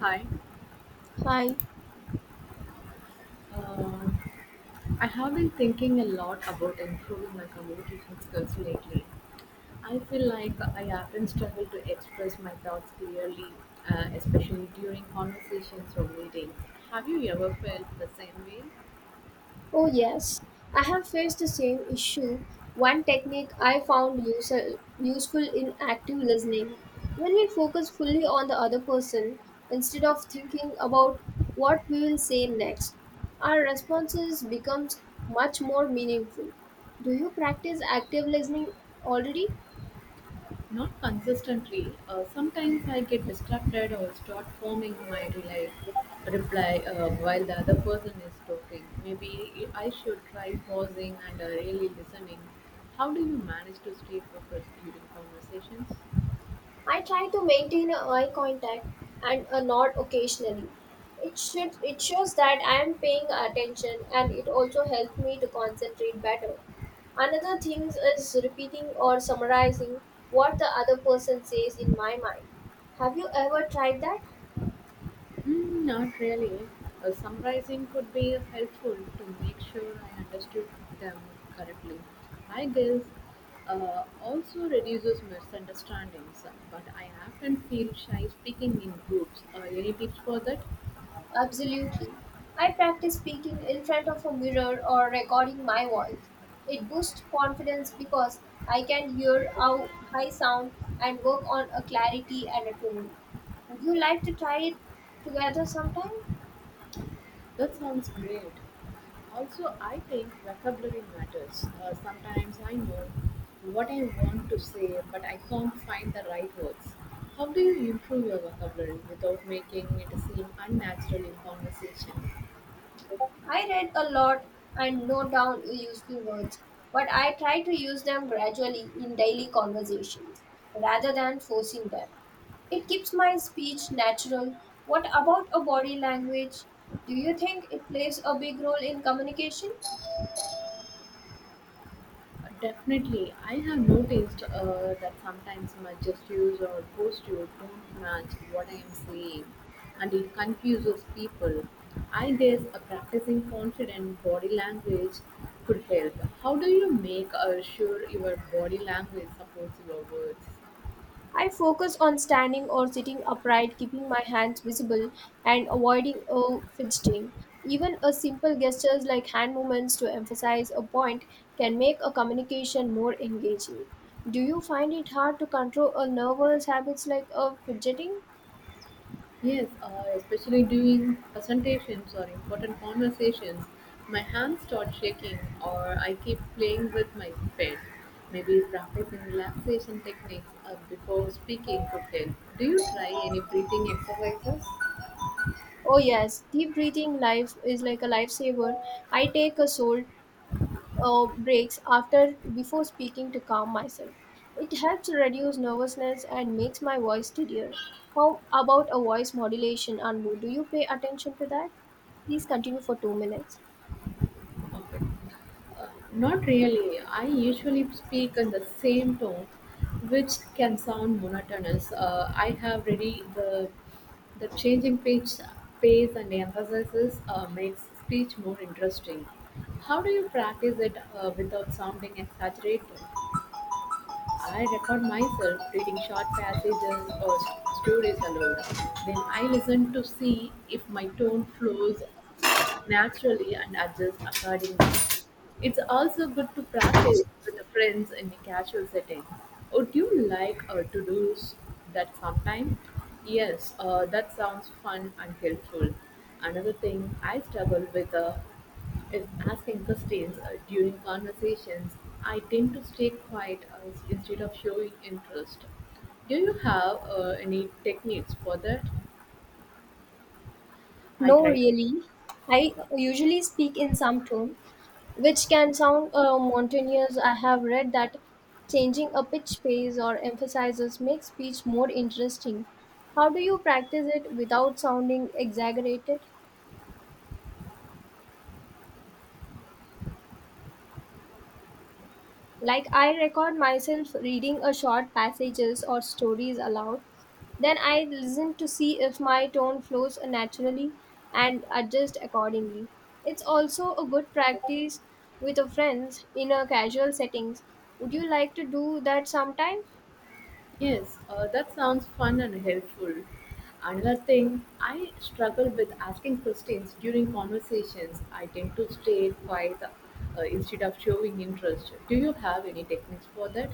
Hi. Hi. Uh, I have been thinking a lot about improving my communication skills lately. I feel like I often struggle to express my thoughts clearly, especially during conversations or meetings. Have you ever felt the same way? Oh, yes. I have faced the same issue. One technique I found useful in active listening. When we focus fully on the other person instead of thinking about what we will say next, our responses becomes much more meaningful. Do you practice active listening already? Not consistently. Sometimes I get distracted or start forming my reply while the other person is talking. Maybe I should try pausing and really listening. How do you manage to stay focused during conversations? I try to maintain a eye contact and a nod occasionally. It shows that I am paying attention and it also helps me to concentrate better. Another thing is repeating or summarizing what the other person says in my mind. Have you ever tried that? Mm, not really. Summarizing could be helpful to make sure I understood them correctly. I guess also reduces misunderstandings, but I often feel shy speaking in groups. Any tips for that? Absolutely. I practice speaking in front of a mirror or recording my voice. It boosts confidence because I can hear how I sound and work on a clarity and a tone. Would you like to try it together sometime? That sounds great. Also, I think vocabulary matters. Sometimes I know what I want to say, but I can't find the right words. How do you improve your vocabulary without making it seem unnatural in conversation? I read a lot and note down useful words, but I try to use them gradually in daily conversations rather than forcing them. It keeps my speech natural. What about a body language? Do you think it plays a big role in communication? Definitely, I have noticed that sometimes my gestures or posture don't match what I am saying, and it confuses people. I guess a practicing confident body language could help. How do you make sure your body language supports your words? I focus on standing or sitting upright, keeping my hands visible and avoiding a fidgeting. Even a simple gestures like hand movements to emphasize a point can make a communication more engaging. Do you find it hard to control a nervous habits like a fidgeting? Yes, especially during presentations or important conversations, my hands start shaking or I keep playing with my pen. Maybe practicing relaxation techniques before speaking could help. Do you try any breathing exercises? Oh yes, deep breathing life is like a lifesaver. I take a soul breaks after before speaking to calm myself. It helps reduce nervousness and makes my voice steadier. How about a voice modulation, Anbu? Do you pay attention to that? Please continue for 2 minutes. Okay. Not really. I usually speak in the same tone, which can sound monotonous. I have really the changing pitch, pace, and emphasis makes speech more interesting. How do you practice it without sounding exaggerated? I record myself reading short passages or stories aloud. Then I listen to see if my tone flows naturally and adjust accordingly. It's also good to practice with the friends in a casual setting. Would you like to that sometime? Yes, that sounds fun and helpful. Another thing I struggle with if asking questions during conversations, I tend to stay quiet instead of showing interest. Do you have any techniques for that? I No, tried. really. I usually speak in some tone, which can sound monotonous. I have read that changing a pitch, pace, or emphasizes makes speech more interesting. How do you practice it without sounding exaggerated? Like I record myself reading a short passages or stories aloud. Then I listen to see if my tone flows naturally and adjust accordingly. It's also a good practice with a friends in a casual settings. Would you like to do that sometime? Yes, that sounds fun and helpful. Another thing, I struggle with asking questions during conversations. I tend to stay quiet instead of showing interest. Do you have any techniques for that?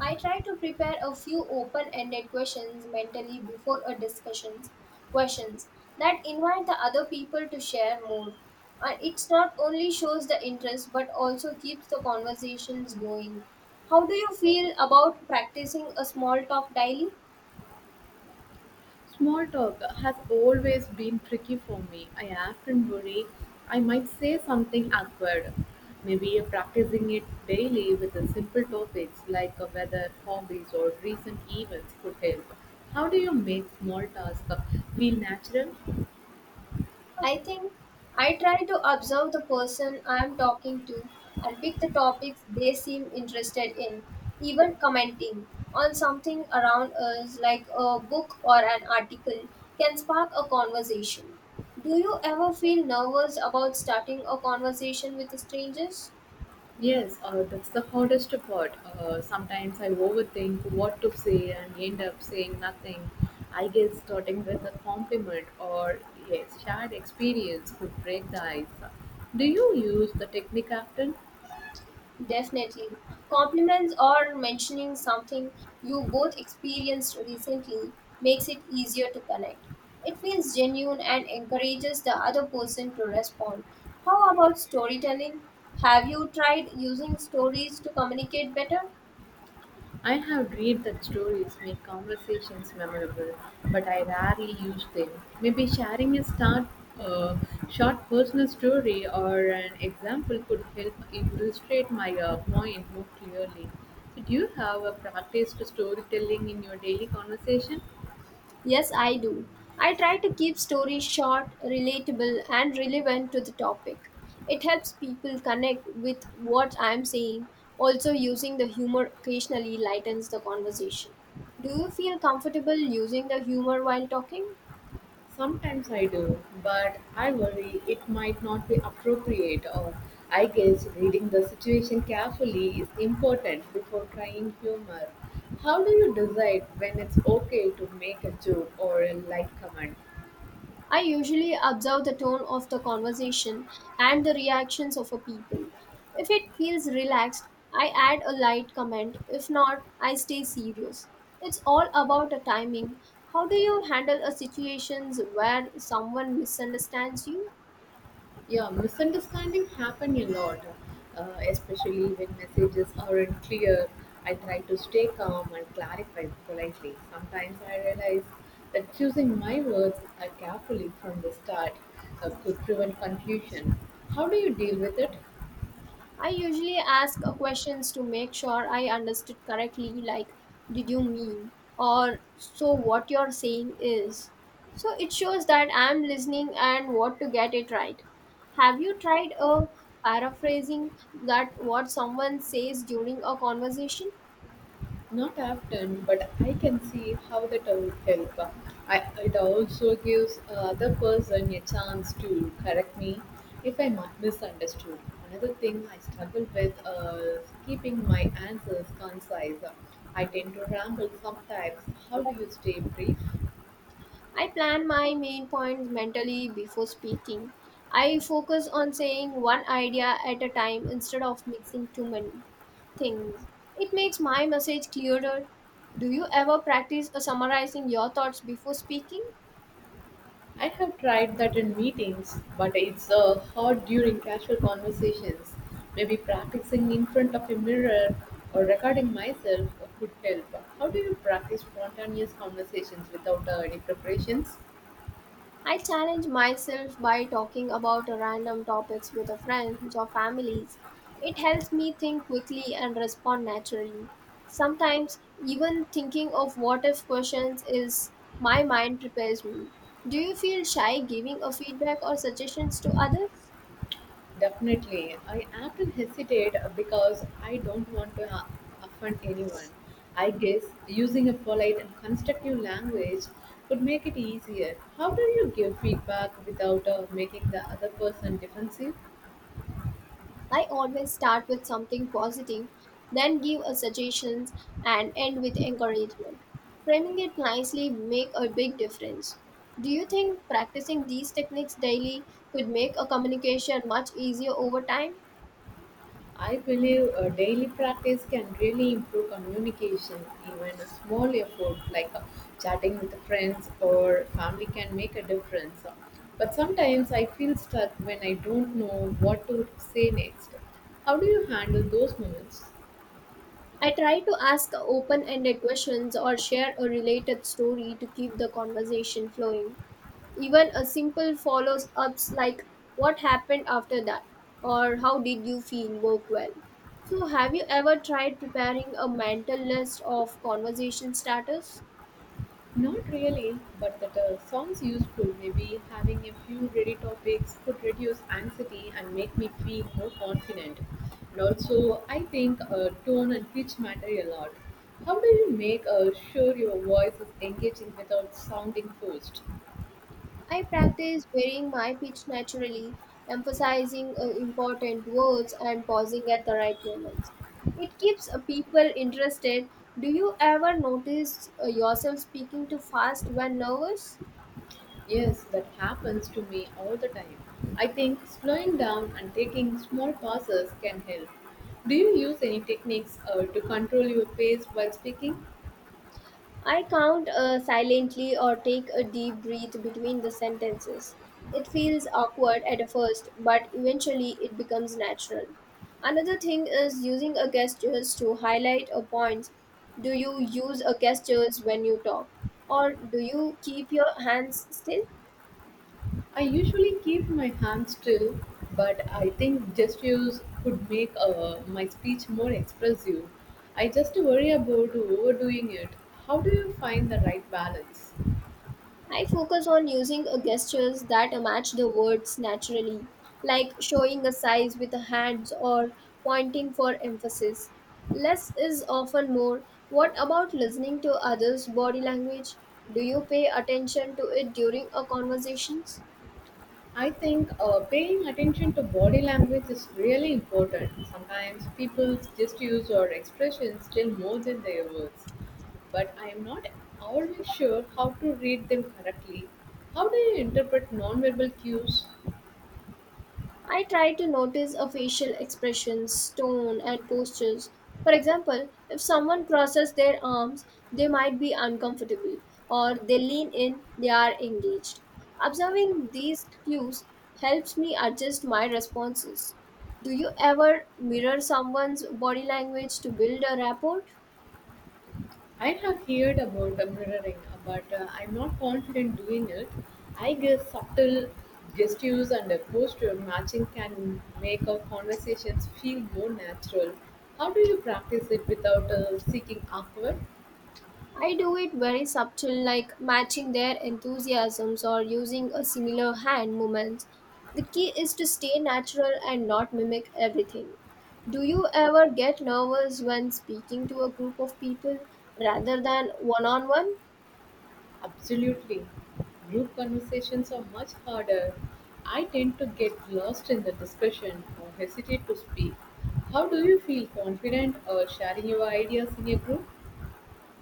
I try to prepare a few open-ended questions mentally before a discussions questions that invite the other people to share more. And it's not only shows the interest but also keeps the conversations going. How do you feel about practicing a small talk daily? Small talk has always been tricky for me. I often worry I might say something awkward. Maybe practicing it daily with the simple topics like weather, hobbies, or recent events could help. How do you make small talk feel natural? I think I try to observe the person I am talking to and pick the topics they seem interested in, even commenting on something around us like a book or an article can spark a conversation. Do you ever feel nervous about starting a conversation with strangers? Yes, that's the hardest part. Sometimes I overthink what to say and end up saying nothing. I guess starting with a compliment or a shared experience could break the ice. Do you use the technique often? Definitely. Compliments or mentioning something you both experienced recently makes it easier to connect. It feels genuine and encourages the other person to respond. How about storytelling? Have you tried using stories to communicate better? I have read that stories make conversations memorable, but I rarely use them. Maybe sharing a start, uh, short personal story or an example could help illustrate my point more clearly. So, do you have a practiced storytelling in your daily conversation? Yes, I do. I try to keep stories short, relatable, and relevant to the topic. It helps people connect with what I'm saying. Also, using the humor occasionally lightens the conversation. Do you feel comfortable using the humor while talking? Sometimes I do, but I worry it might not be appropriate, or I guess reading the situation carefully is important before trying humor. How do you decide when it's okay to make a joke or a light comment? I usually observe the tone of the conversation and the reactions of a people. If it feels relaxed, I add a light comment. If not, I stay serious. It's all about the timing. How do you handle a situations where someone misunderstands you? Yeah, misunderstanding happen a lot, uh, especially when messages aren't clear. I try to stay calm and clarify politely. Sometimes I realize that choosing my words carefully from the start could prevent confusion. How do you deal with it? I usually ask questions to make sure I understood correctly, like, did you mean? Or, so what you're saying is. So it shows that I'm listening and want to get it right. Have you tried a paraphrasing that what someone says during a conversation? Not often, but I can see how that would help. It also gives other person a chance to correct me if I'm misunderstood. Another thing I struggle with is keeping my answers concise. I tend to ramble sometimes. How do you stay brief? I plan my main points mentally before speaking. I focus on saying one idea at a time instead of mixing too many. Things. It makes my message clearer. Do you ever practice summarizing your thoughts before speaking? I have tried that in meetings, but it's hard during casual conversations. Maybe practicing in front of a mirror or recording myself could help. How do you practice spontaneous conversations without any preparations? I challenge myself by talking about random topics with friends or families. It helps me think quickly and respond naturally. Sometimes, even thinking of what if questions is my mind prepares me. Do you feel shy giving a feedback or suggestions to others? Definitely. I often hesitate because I don't want to offend anyone. I guess using a polite and constructive language could make it easier. How do you give feedback without making the other person defensive? I always start with something positive, then give a suggestions and end with encouragement. Framing it nicely make a big difference. Do you think practicing these techniques daily could make a communication much easier over time? I believe a daily practice can really improve communication. Even a small effort like chatting with friends or family can make a difference. But sometimes I feel stuck when I don't know what to say next. How do you handle those moments? I try to ask open-ended questions or share a related story to keep the conversation flowing. Even a simple follows ups like what happened after that or how did you feel work well. So, have you ever tried preparing a mental list of conversation starters? Not really, but that sounds useful. Maybe having a few ready topics could reduce anxiety and make me feel more confident. And also, I think tone and pitch matter a lot. How do you make sure your voice is engaging without sounding forced? I practice varying my pitch naturally, emphasizing important words and pausing at the right moments. It keeps people interested. Do you ever notice yourself speaking too fast when nervous? Yes, that happens to me all the time. I think slowing down and taking small pauses can help. Do you use any techniques to control your pace while speaking? I count silently or take a deep breath between the sentences. It feels awkward at first, but eventually it becomes natural. Another thing is using a gestures to highlight a point. Do you use a gestures when you talk or do you keep your hands still? I usually keep my hands still, but I think gestures could make my speech more expressive. I just worry about overdoing it. How do you find the right balance? I focus on using a gestures that match the words naturally, like showing a size with the hands or pointing for emphasis. Less is often more. What about listening to others' body language? Do you pay attention to it during a conversation? I think paying attention to body language is really important. Sometimes people's gestures or expressions tell more than their words, but I am not always sure how to read them correctly. How do you interpret nonverbal cues? I try to notice a facial expressions, tone, and postures. For example, if someone crosses their arms, they might be uncomfortable, or they lean in, they are engaged. Observing these cues helps me adjust my responses. Do you ever mirror someone's body language to build a rapport? I have heard about the mirroring, but I'm not confident doing it. I guess subtle gestures and a posture matching can make our conversations feel more natural. How do you practice it without seeking awkward? I do it very subtle, like matching their enthusiasms or using a similar hand movement. The key is to stay natural and not mimic everything. Do you ever get nervous when speaking to a group of people rather than one on one? Absolutely. Group conversations are much harder. I tend to get lost in the discussion or hesitate to speak. How do you feel confident or sharing your ideas in a group?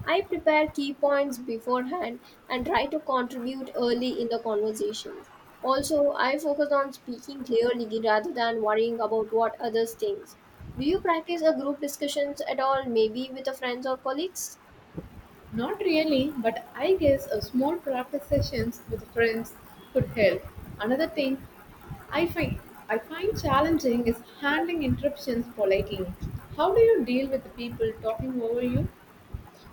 I prepare key points beforehand and try to contribute early in the conversations. Also, I focus on speaking clearly rather than worrying about what others think. Do you practice a group discussions at all, maybe with the friends or colleagues? Not really, but I guess a small practice sessions with friends could help. Another thing I find I find challenging is handling interruptions politely. How do you deal with the people talking over you?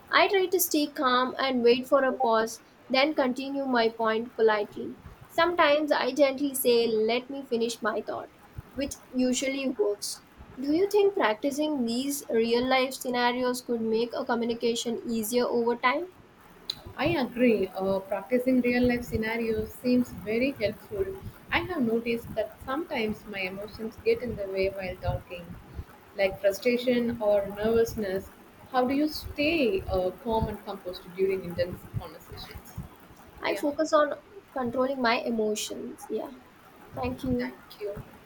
I try to stay calm and wait for a pause, then continue my point politely. Sometimes I gently say, "Let me finish my thought," which usually works. Do you think practicing these real life scenarios could make a communication easier over time? I agree. Practicing real life scenarios seems very helpful. I have noticed that sometimes my emotions get in the way while talking, like frustration or nervousness. How do you stay calm and composed during intense conversations? I Yeah, focus on controlling my emotions. Yeah, thank you. thank you.